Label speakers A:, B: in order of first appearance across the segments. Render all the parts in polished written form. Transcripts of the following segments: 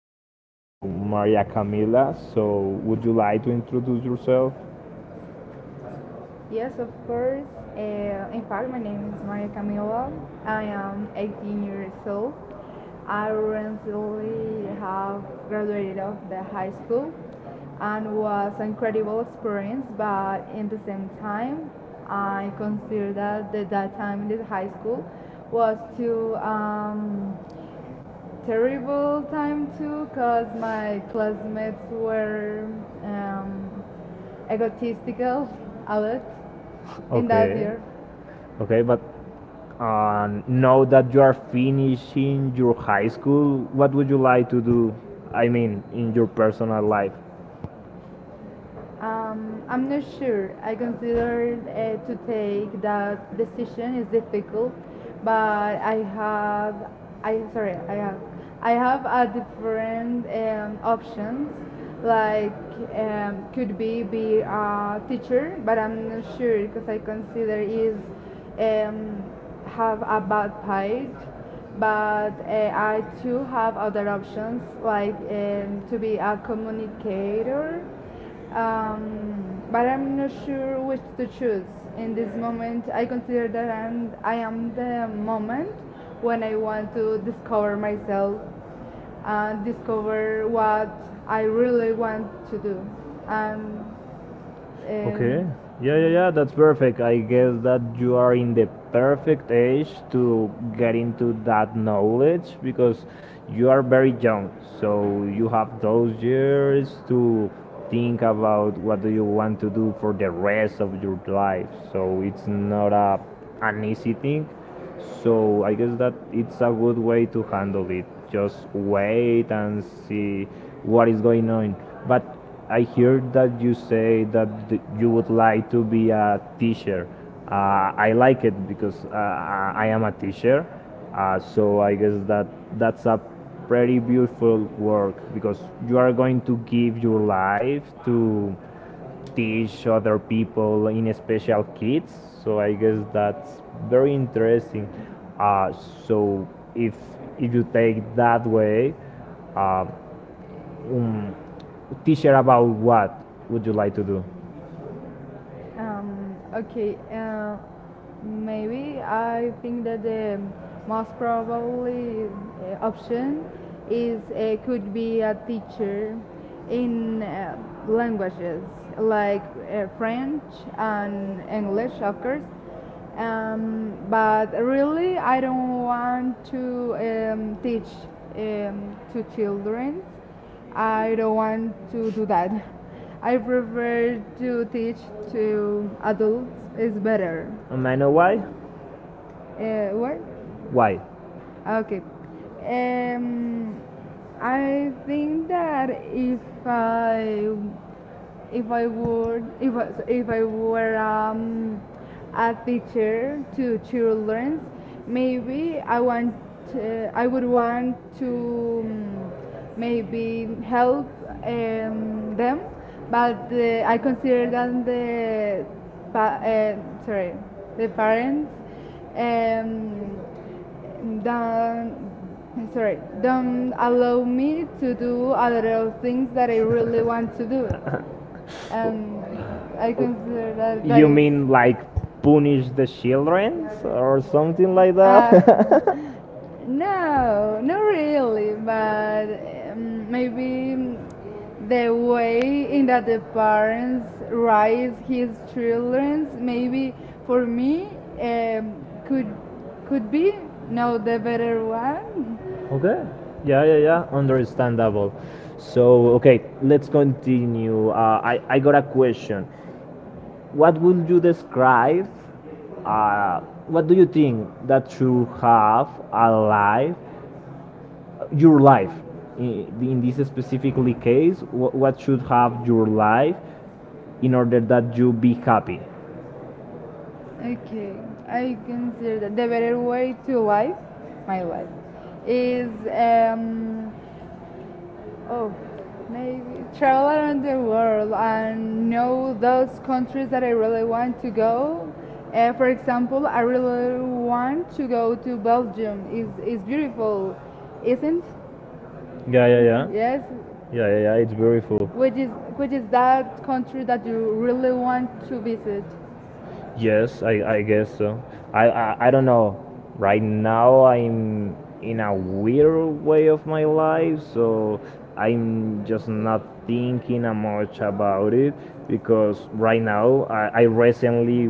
A: us to Maria Camila. So would you like to introduce yourself?
B: Yes, of course. In fact, my name is Maria Camila. I am 18 years old. I recently have graduated of the high school and was an incredible experience, but in the same time, I consider that that time in the high school was too terrible time too, because my classmates were um, egotistical a lot in that
A: Okay.
B: year.
A: Okay, but now that you are finishing your high school, what would you like to do? I mean, in your personal life.
B: I'm not sure. I consider to take that decision is difficult, but I sorry, I have, I have a different options. Like could be a teacher, but I'm not sure because I consider is um, have a bad part. But I too have other options like to be a communicator, but I'm not sure which to choose. In this moment, I consider that I am the moment when I want to discover myself and discover what I really want to do. And Okay.
A: Okay. Yeah, yeah, yeah. That's perfect. I guess that you are in the perfect age to get into that knowledge because you are very young. So you have those years to think about what do you want to do for the rest of your life. So it's not a an easy thing, so I guess that it's a good way to handle it. Just wait and see what is going on. But I hear that you say that you would like to be a teacher. Uh, I like it because I am a teacher. So I guess that that's a pretty beautiful work because you are going to give your life to teach other people in special kids. So I guess that's very interesting. Uh, so if if you take that way, uh, um, teacher about what would you like to do?
B: Okay. Maybe I think that the most probably option is could be a teacher in languages like French and English, of course. But really, I don't want to teach to children. I don't want to do that. I prefer to teach to adults. It's better.
A: I know why.
B: What?
A: Why?
B: Okay. Um, I think that if I would, if I were a teacher to children, maybe I would want to maybe help them, but I consider that pa- uh, sorry, the parents, um, don't, sorry don't allow me to do a lot of things that I really want to do. And I consider that that
A: You
B: you
A: mean like
B: is
A: punish the children or something like that?
B: Uh, no, not really, but maybe the way in that the parents raise his children, maybe for me could be no the better one.
A: Okay. Yeah, yeah, yeah. Understandable. So, okay, let's continue. I got a question. What would you describe? Uh, what do you think that you have a life, your life, in this specifically case, what should have your life in order that you be happy?
B: Okay, I consider that the better way to live my life is oh maybe travel around the world and know those countries that I really want to go. For example, I really want to go to Belgium. Is beautiful, isn't?
A: Yeah, yeah, yeah.
B: Yes,
A: Yeah, yeah, yeah. It's beautiful.
B: which is that country that you really want to visit.
A: Yes, I guess so. I don't know. Right now I'm in a weird way of my life, so I'm just not thinking a much about it because right now I recently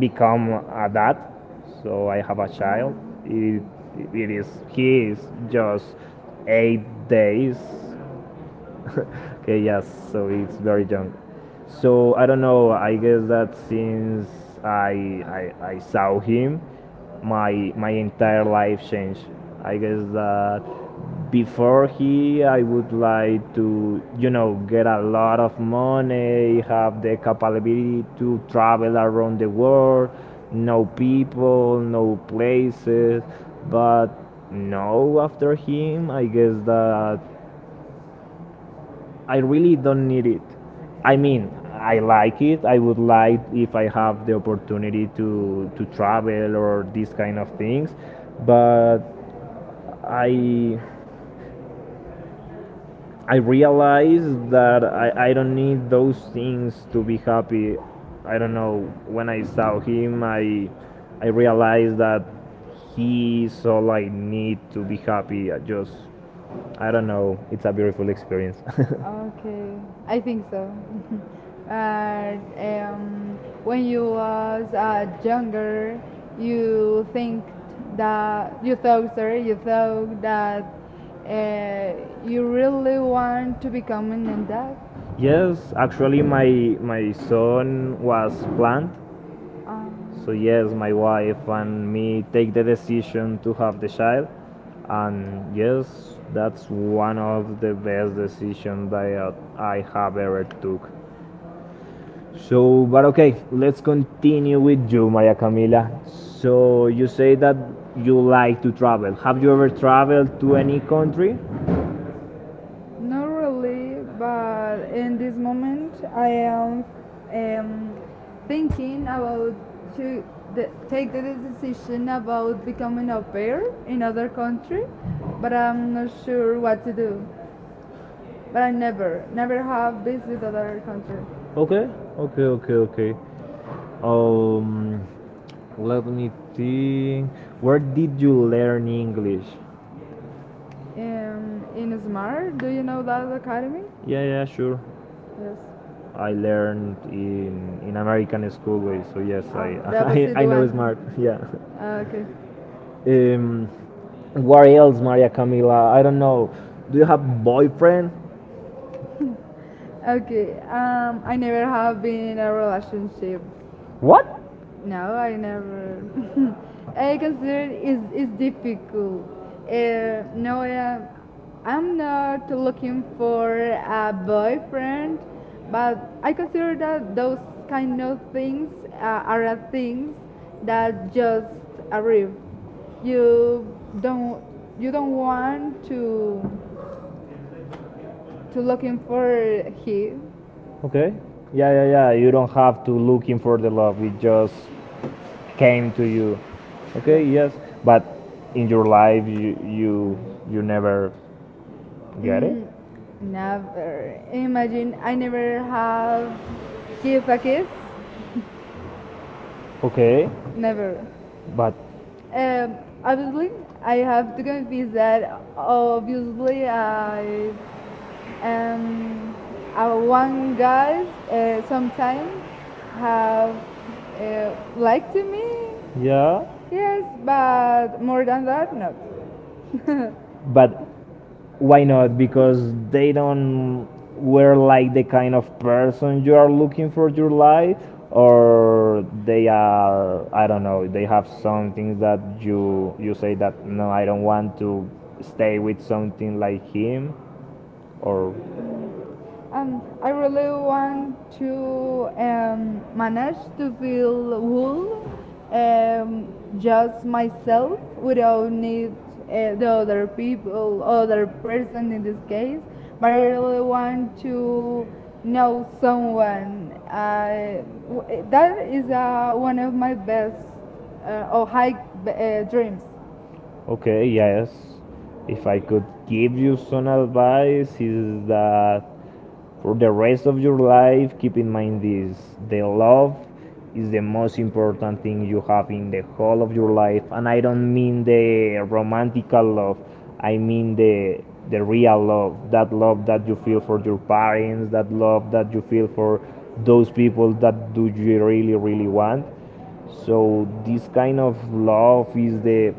A: become a dad, so I have a child. It it is he is just 8 days okay, yes, so it's very young. So I don't know. I guess that since I saw him, my entire life changed. I guess that before he I would like to you know get a lot of money, have the capability to travel around the world, know people, know places, but no after him I guess that I really don't need it. I mean, I like it. I would like if I have the opportunity to travel or these kind of things, but I I realize that I don't need those things to be happy. I don't know. When I saw him, I realized that he is all I need to be happy. I just I don't know. It's a beautiful experience.
B: Okay, I think so. But when you was younger, you think that you thought, sorry, you thought that uh, you really want to become an dad. So
A: Yes, actually, my son was planned.
B: Um,
A: So yes, my wife and me take the decision to have the child, and yes, that's one of the best decisions that I have ever took. So, but okay, let's continue with you, Maria Camila. So you say that you like to travel. Have you ever traveled to any country?
B: Not really, but in this moment I am um, thinking about to take the decision about becoming a pair in other country, but I'm not sure what to do. But I never, never have visited other country.
A: Okay, okay, okay, okay. Um, Let me think. Where did you learn English?
B: In Smart, do you know that academy?
A: Yeah, yeah, sure.
B: Yes.
A: I learned in American school way, so yes, I
B: Ah, the opposite
A: I know
B: one.
A: smart. Yeah.
B: Ah, okay.
A: Um, where else, Maria Camila? I don't know. Do you have boyfriend?
B: Okay, I never have been in a relationship.
A: What?
B: No, I never. I consider it is difficult. Uh, no, I, I'm not looking for a boyfriend, but I consider that those kind of things are things that just arrive. You don't you don't want to looking for him.
A: Okay. Yeah, yeah, yeah. You don't have to looking for the love. It just came to you.
B: Yes.
A: Okay. Yes. But
B: Yes.
A: in your life, you you never get it.
B: Mm, never. Imagine I never have give a kiss.
A: Okay,
B: Never.
A: but
B: Um, obviously, I have to confess that obviously I um one guy sometimes have liked to me.
A: yeah,
B: Yes, but more than that, no.
A: but why not? Because they don't were like the kind of person you are looking for your life, or they are I don't know. They have some things that you say that no, I don't want to stay with something like him, or
B: I really want to manage to feel whole, um, just myself, without need the other people, other person in this case. But I really want to know someone. That is one of my best or high dreams.
A: okay, yes. If I could give you some advice, is that for the rest of your life, keep in mind this the love is the most important thing you have in the whole of your life. And I don't mean the romantical love, I mean the real love that you feel for your parents, that love that you feel for those people that do you really, really want so this kind of love is the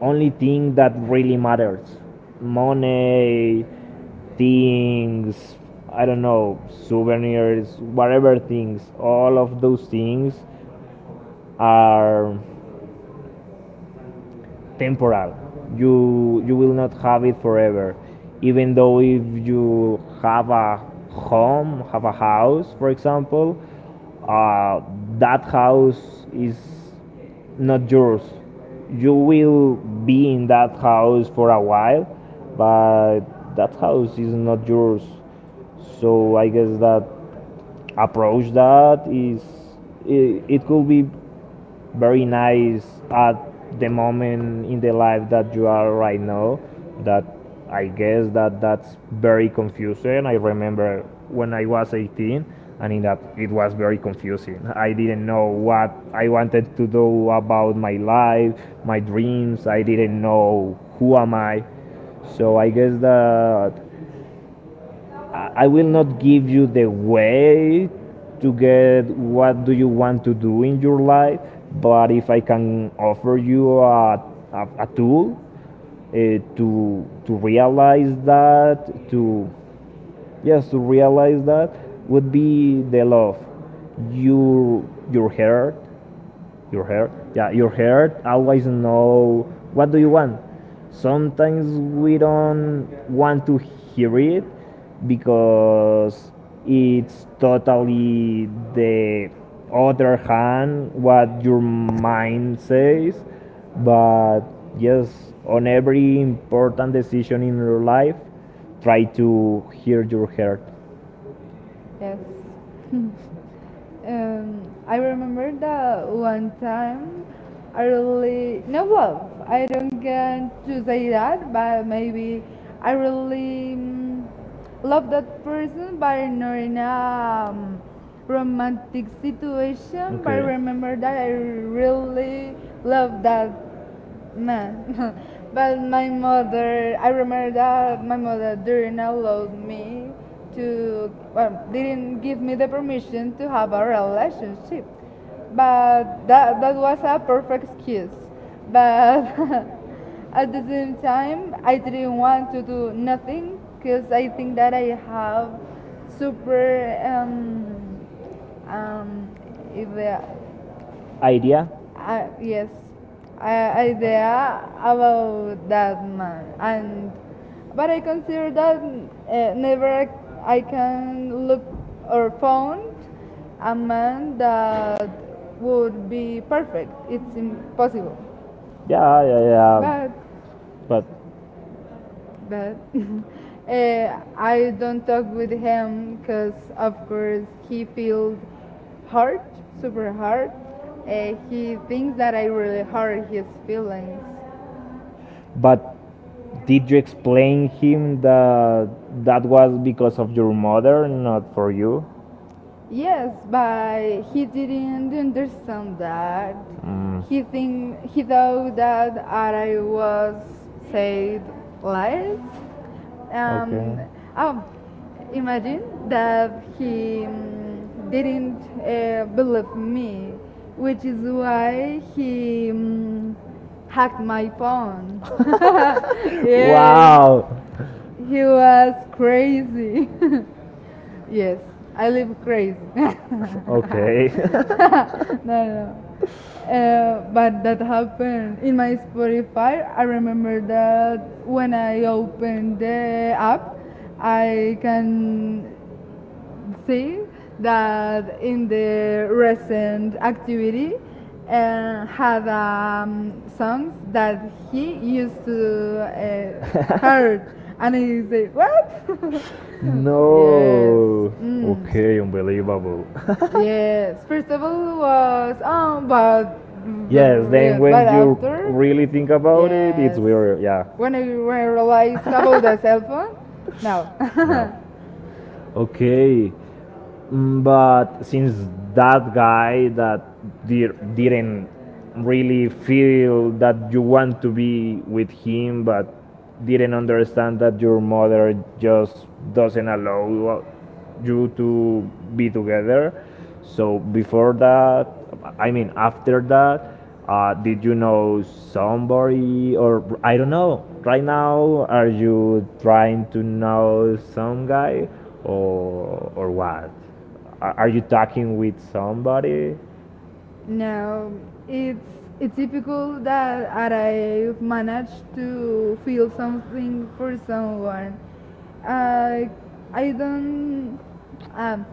A: only thing that really matters. Money, things, I don't know, souvenirs, whatever things, all of those things are temporal. You will not have it forever. Even though if you have a home, have a house, for example, uh, that house is not yours. You will be in that house for a while, but that house is not yours. So I guess that approach that is it could be very nice at the moment in the life that you are right now that I guess that that's very confusing. I remember when I was 18 and in that it was very confusing. I didn't know what I wanted to do about my life, my dreams. I didn't know who am I. So I guess that I will not give you the way to get what do you want to do in your life, but if I can offer you a tool uh, to to realize that to yes to realize that would be the love your your heart, your hair, yeah, your hair always know what do you want. Sometimes we don't want to hear it because it's totally the other hand what your mind says. But yes, on every important decision in your life, try to hear your heart.
B: Yes. I remember that one
A: Uh,
B: time I
A: One time, I,
B: really no love. I don't get to say
A: that.
B: that, but maybe I really love that person, but not in a romantic situation. But I remember that I really love that man. But my mother, I remember that my mother didn't allow me to, well, didn't give me the permission to have a relationship. But that was a perfect excuse. But at the same time, I didn't want to do nothing because I think that I have super um, idea,
A: Idea.
B: I, yes, I idea about that man, and but I consider that never I, I can look or found a man that would be perfect. It's impossible.
A: Yeah, yeah, yeah.
B: But
A: Bad.
B: but I don't talk with him because of course he feels hurt, super hurt. He thinks that I really hurt his feelings.
A: But did you explain him that that was because of your mother, not for you?
B: Yes, but he didn't understand that.
A: Mm.
B: He thought that I was said lies. Um, oh, imagine that he didn't believe me, which is why he hacked my phone. Yes.
A: Wow.
B: He was crazy. Yes, I live crazy.
A: Okay.
B: No, no, no. But that happened in my Spotify. I remember that when I opened the app, I can see that in the recent activity had songs that he used to heard, and I say what? No. Yes.
A: no.
B: Mm. Okay.
A: Okay, unbelievable.
B: Yes, first of all was but
A: yes, then
B: yes, but
A: when you
B: after
A: really think about it, it's
B: yes
A: weird. Yeah.
B: when I realized about the cell phone no.
A: No. Okay. Mm, but since that guy that didn't really feel that you want to be with him, but didn't understand that your mother just doesn't allow you to be together. So before that, I mean after that, did you know somebody or I don't know? Right now, are you trying to know some guy or what? Are you talking with somebody?
B: No, it's it's difficult that I managed to feel something for someone. Uh, I don't um,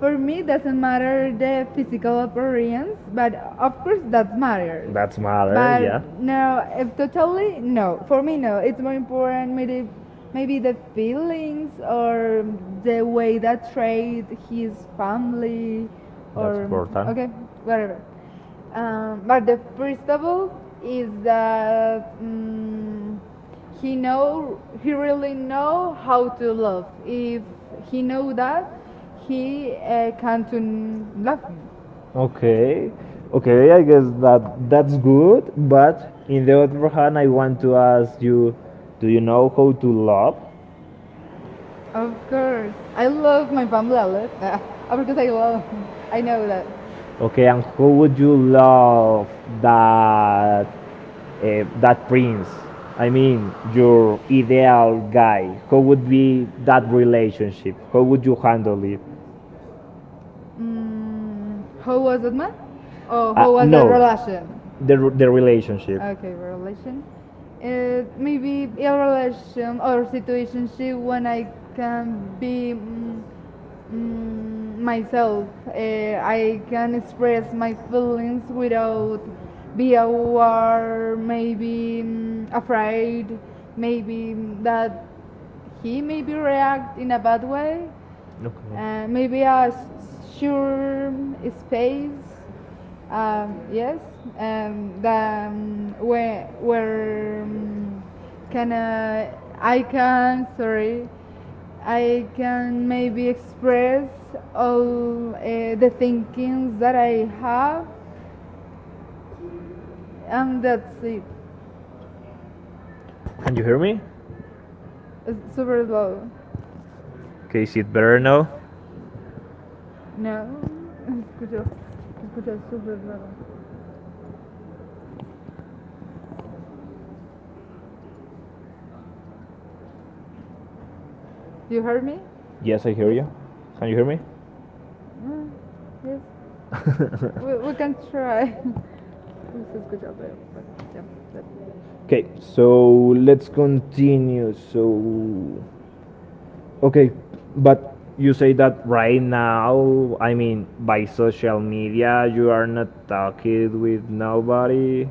B: for me doesn't matter the physical appearance but of course that matters.
A: That's
B: But
A: matter,
B: no, if totally no. For me, no. It's more important maybe the feelings or the way that treat his family or okay, whatever. But the first of all is that he really know how to love. If he know that, he can to love me.
A: okay, okay, I guess that that's good, but in the other hand, I want to ask you do you know how to love?
B: Of course. I love my Bumble outlet. Ah, of course, I love. I know that.
A: Okay, and how would you love that eh, that prince? I mean, your ideal guy. How would be that relationship? How would you handle it?
B: Mm, how was that man? Oh, how
A: Uh,
B: was that relation?
A: the relationship.
B: Okay, relation. It maybe a relation or situation when I can be myself. I can express my feelings without be aware, afraid, that he maybe react in a bad way,
A: Okay.
B: maybe a sure space. Yes, the, where can I can, sorry, I can maybe express all the thinkings that I have, and that's it.
A: You hear me?
B: It's super low.
A: Okay, is it better now?
B: No, escucho, escucho super raro. Do you hear me? Yes.
A: Yes, I hear you. Can you hear me?
B: Mm, yes, we can try. This is good job, but yeah, that
A: Okay, so let's continue. So, okay, but you say that right now, I mean, by social media, you are not talking with nobody.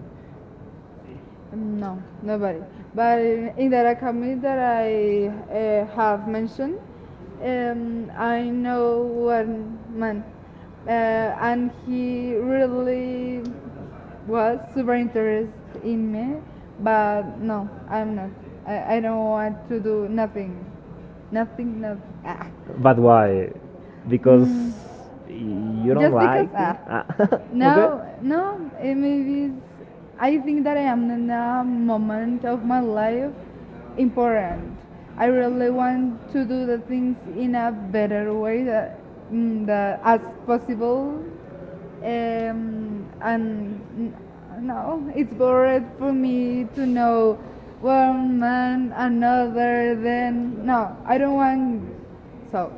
B: no, nobody. But in the Rakami that I have mentioned, I know one man, and he really was super interested in me. But no, I'm not. I don't want to do nothing, nothing, nothing. Ah.
A: But why? Because
B: Mm.
A: you don't
B: Just because
A: like it?
B: ah
A: That. Ah, no,
B: now
A: okay.
B: no it maybe it's, I think that I am in a moment of my life important. I really want to do the things in a better way that, that as possible, um, and n- no it's boring for me to know one man another then no I don't want so.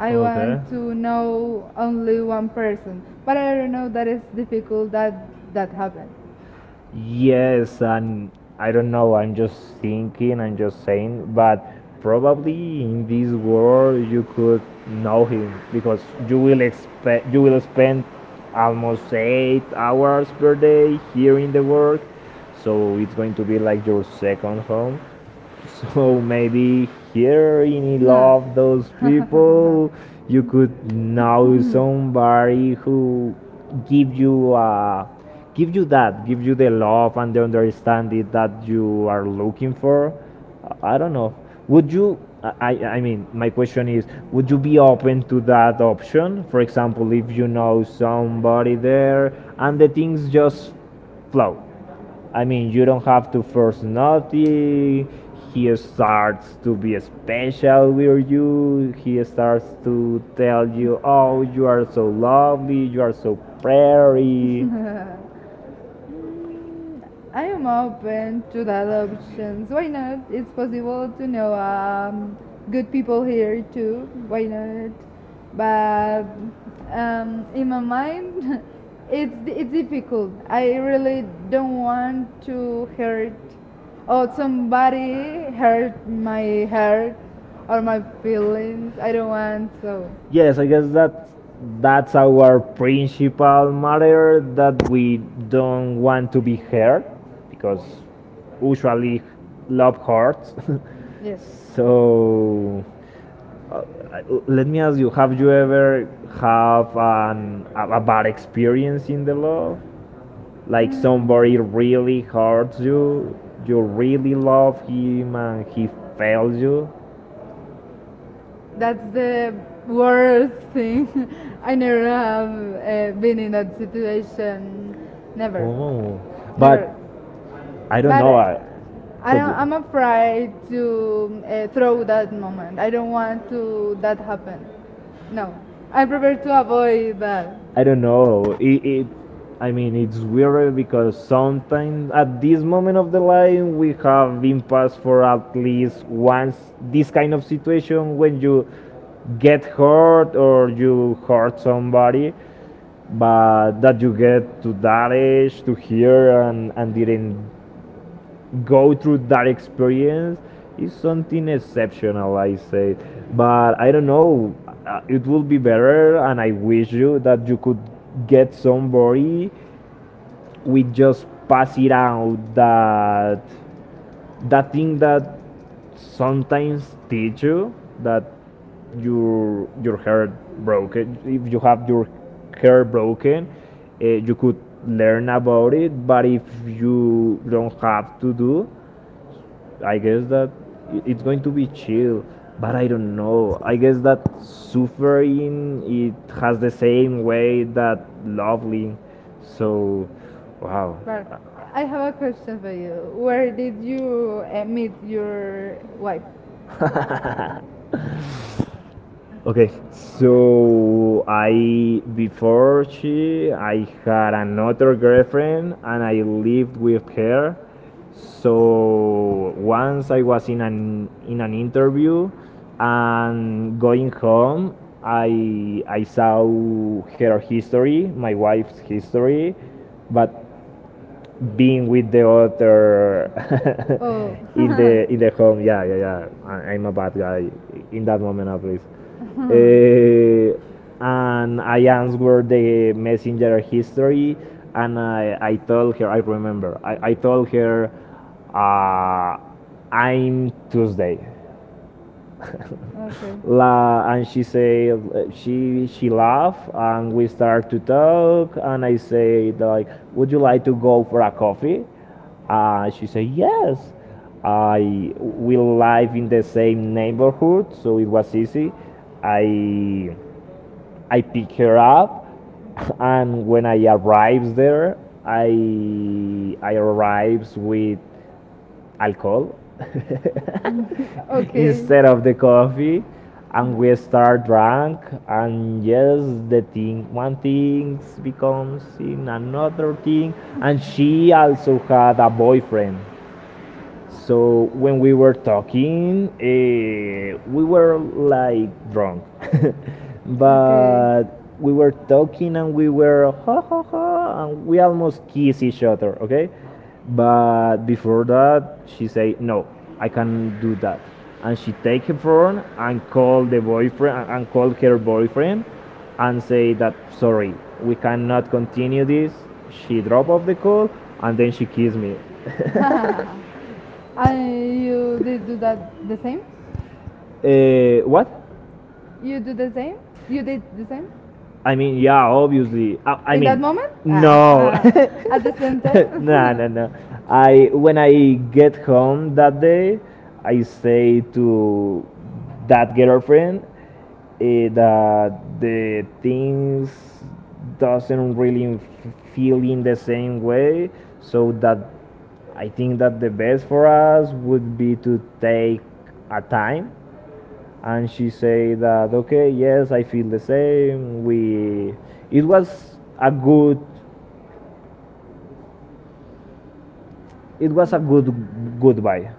B: I want to know only one person, but I don't know that it's difficult that that happened.
A: Yes, and I don't know, I'm just thinking, I'm just saying, but probably in this world you could know him because you will spend almost 8 hours per day here in the work, so it's going to be like your second home. So maybe here in love those people you could know somebody who give you uh, give you the love and the understanding that you are looking for. I don't know. Would you I I mean my question is would you be open to that option? For example if you know somebody there and the things just flow. I mean, you don't have to force nothing. He starts to be special with you. He starts to tell you, "Oh, you are so lovely. You are so pretty."
B: Mm, I am open to the other options. Why not? It's possible to know good people here too. Why not? But in my mind, it's difficult. I really don't want to hurt or somebody hurt my heart or my feelings. I don't want so.
A: Yes, I guess that that's our principal matter that we don't want to be hurt because usually love hurts.
B: Yes.
A: So Uh, let me ask you: Have you ever have a bad experience in the love? Like somebody
B: Mm.
A: really hurts you, you really love him, and he fails you.
B: That's the worst thing. I never have been in that situation. Never,
A: Oh, but
B: never.
A: I don't But
B: But
A: know. I,
B: I
A: but
B: don't, I'm
A: you-
B: afraid to throw that moment. I don't want to that happen. No, I prefer to avoid that.
A: I don't know. It I mean, it's weird because sometimes at this moment of the life we have been passed for at least once this kind of situation when you get hurt or you hurt somebody, but that you get to that age to here and didn't go through that experience is something exceptional, I say. But I don't know, it would be better, and I wish you that you could get somebody we just pass it out that that thing that sometimes teach you that your hair broken. If you have your hair broken, you could learn about it, but if you don't have to do I guess that it's going to be chill, but I don't know. I guess that suffering it has the same way that lovely. So, wow.
B: But I have a question for you. Where did you meet your wife?
A: Okay, so I before she I had another girlfriend and I lived with her. So once I was in an interview and going home, I I saw her history, my wife's history, but being with the other
B: Oh,
A: in the in the home. Yeah, yeah, yeah. I'm a bad guy in that moment at least. Uh, and I answered the messenger history, and I told her. I remember. I told her, uh, I'm Tuesday.
B: okay.
A: La, and she say she laugh and we start to talk and I say like would you like to go for a coffee? She say yes. I we live in the same neighborhood so it was easy. I I pick her up and when I arrives there I I arrives with alcohol
B: Okay.
A: instead of the coffee, and we start drunk, and yes, the thing one thing becomes in another thing, and she also had a boyfriend. So when we were talking, we were like drunk, but we were talking and we were ha ha ha, and we almost kiss each other. Okay, but before that, she say no, I can't do that, and she take her phone and call the boyfriend and call her boyfriend, and say that sorry, we cannot continue this. She drop off the call and then she kiss me.
B: And you did do that the same?
A: What?
B: You do the same? You did the same?
A: I mean, yeah, obviously. I mean,
B: Moment?
A: no,
B: At the same, no,
A: no, no,
B: time?
A: no. I when I get home that day, I say to that girlfriend eh, that the things doesn't really feel in the same way, so that I think that the best for us would be to take a time, and she said that okay, yes, I feel the same. We, it was a good, it was a good goodbye.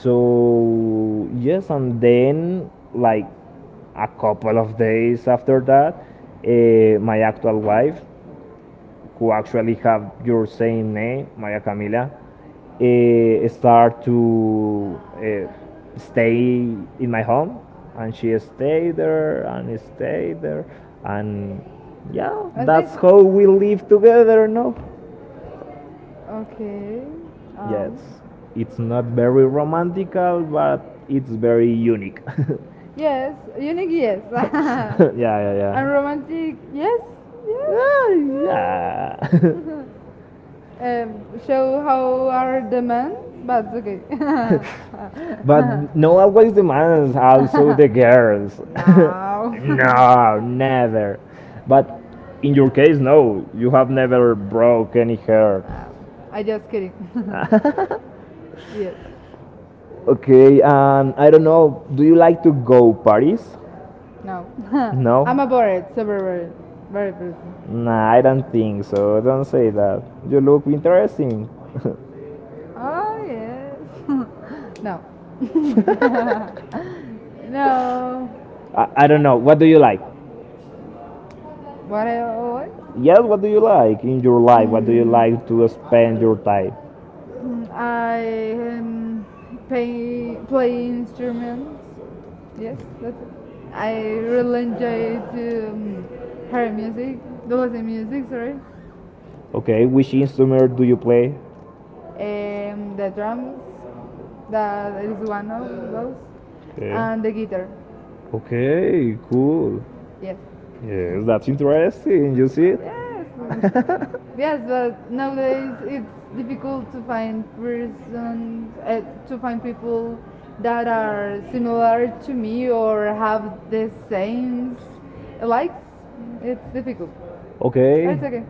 A: So yes, and then like a couple of days after that, my actual wife, who actually have your same name, Maria Camila, eh, start to eh, stay in my home, and she stayed there, and yeah,
B: I
A: that's how we live together. No,
B: Okay.
A: yes,
B: Um.
A: it's not very romantical, but it's very unique.
B: Yes, unique, yes.
A: Yeah, yeah,
B: And
A: yeah.
B: romantic, yes,
A: Ah,
B: yes. Yes.
A: yeah.
B: Um, show how are the men, but okay.
A: But no always the demands also the girls.
B: No.
A: No, never. But in your case, no, you have never broke any hair.
B: Her. I just kidding. Yes,
A: Okay, and I don't know. Do you like to go parties?
B: no. No?
A: No.
B: I'm a bored, super bored, bored person.
A: Nah, I don't think so. Don't say that. You look interesting.
B: Oh yes. No. No.
A: I don't know. What do you like?
B: What? I, what?
A: Yes,
B: Yeah,
A: what do you like in your life? What do you like to spend your time?
B: I play play instruments. Yes, that's it. I really enjoy to hear music, to listen music. Sorry,
A: Okay, which instrument do you play?
B: the drums. That is one of those, and the
A: Okay.
B: guitar.
A: Okay, cool.
B: Yes.
A: Yes, that's interesting. You see it?
B: Yes, yes, but nowadays it's difficult to find persons, to find people that are similar to me or have the same likes. It's difficult. Oh,
A: Okay.
B: it's okay.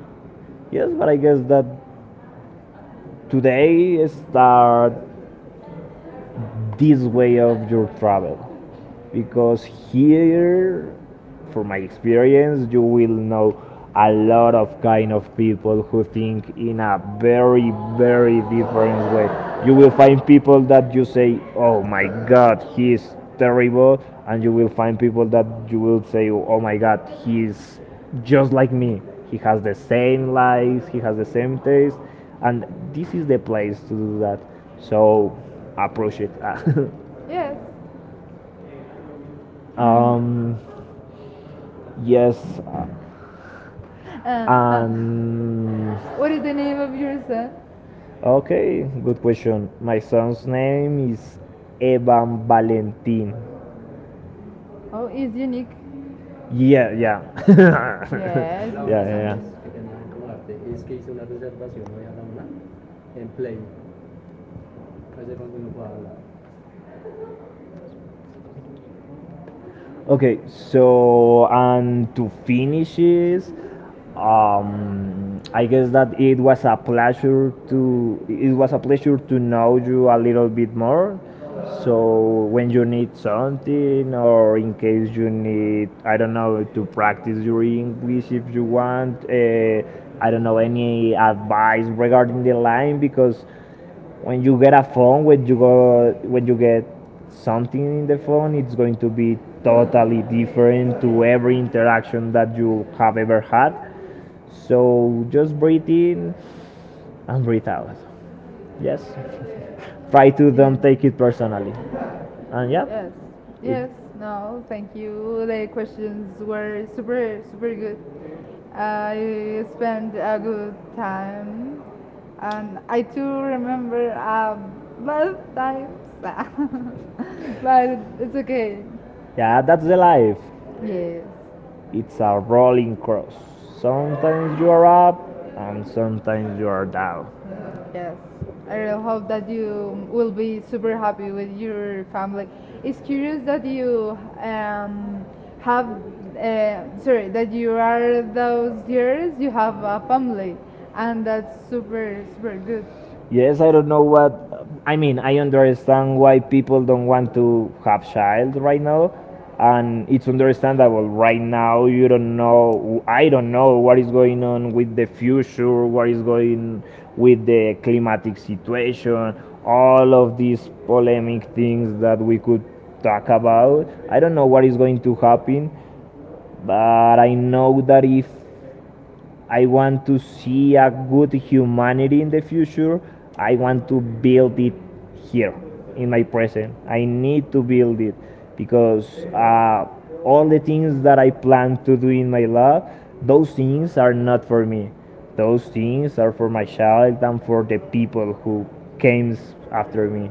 A: Yes, but I guess that today is start this way of your travel, because here from my experience you will know a lot of kind of people who think in a very very different way. You will find people that you say oh my god, he's terrible, and you will find people that you will say oh my god, he's just like me. He has the same likes, he has the same taste, and this is the place to do that. So approach it.
B: Yes.
A: Um, yes,
B: Uh, uh,
A: and
B: what is the name of your son?
A: okay, good question. My son's name is Evan Valentin.
B: Oh, it's unique.
A: Yeah, yeah,
B: Yes,
A: Laura, yeah,
B: it's
A: yeah.
B: unique.
A: Okay, so and to finish is, I guess that it was a pleasure to, it was a pleasure to know you a little bit more. So when you need something, or in case you need, I don't know, to practice your English if you want, I don't know, any advice regarding the line, because when you get a phone, when you go, when you get something in the phone, it's going to be totally different to every interaction that you have ever had. So just breathe in and breathe out. Yes. Try to don't take it
B: Yeah.
A: personally, and yeah,
B: Yes,
A: it,
B: yes, no, thank you. The questions were super, super good. I spent a good time, and I too remember bad times, but it's okay.
A: yeah, that's the life.
B: Yes.
A: It's a rolling cross. Sometimes you are up and sometimes you are down.
B: Yes, I really hope that you will be super happy with your family. It's curious that you have, that you are those years, you have a family, and that's super, super good.
A: Yes, I don't know what. I mean, I understand why people don't want to have child right now, and it's understandable. Right now, you don't know. I don't know what is going on with the future, what is going with the climatic situation, all of these polemic things that we could talk about. I don't know what is going to happen, but I know that if I want to see a good humanity in the future, I want to build it here in my present. I need to build it, because all the things that I plan to do in my life, those things are not for me. Those things are for my child and for the people who came after me,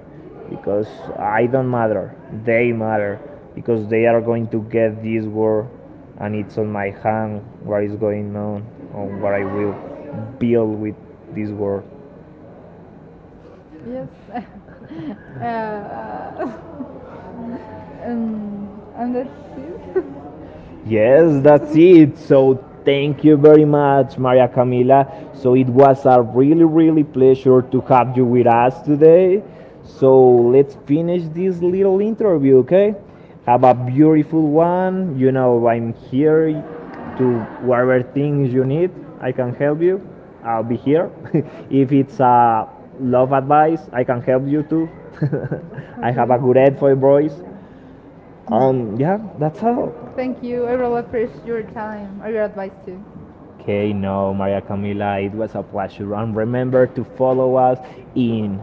A: because I don't matter. They matter, because they are going to get this world, and it's on my hand what is going on what I will build with this world.
B: Yes. uh, um, and that's it.
A: Yes, that's it. So thank you very much, Maria Camila. So it was a really, really pleasure to have you with us today. So let's finish this little interview, okay? Have a beautiful one. You know, I'm here to whatever things you need. I can help you. I'll be here. If it's love advice, I can help you too. I have a good
B: Okay.
A: head for boys. Yeah, that's
B: Okay.
A: all.
B: Thank you. I really appreciate your time or your advice too.
A: Okay, no, Maria Camila, it was a pleasure. And remember to follow us in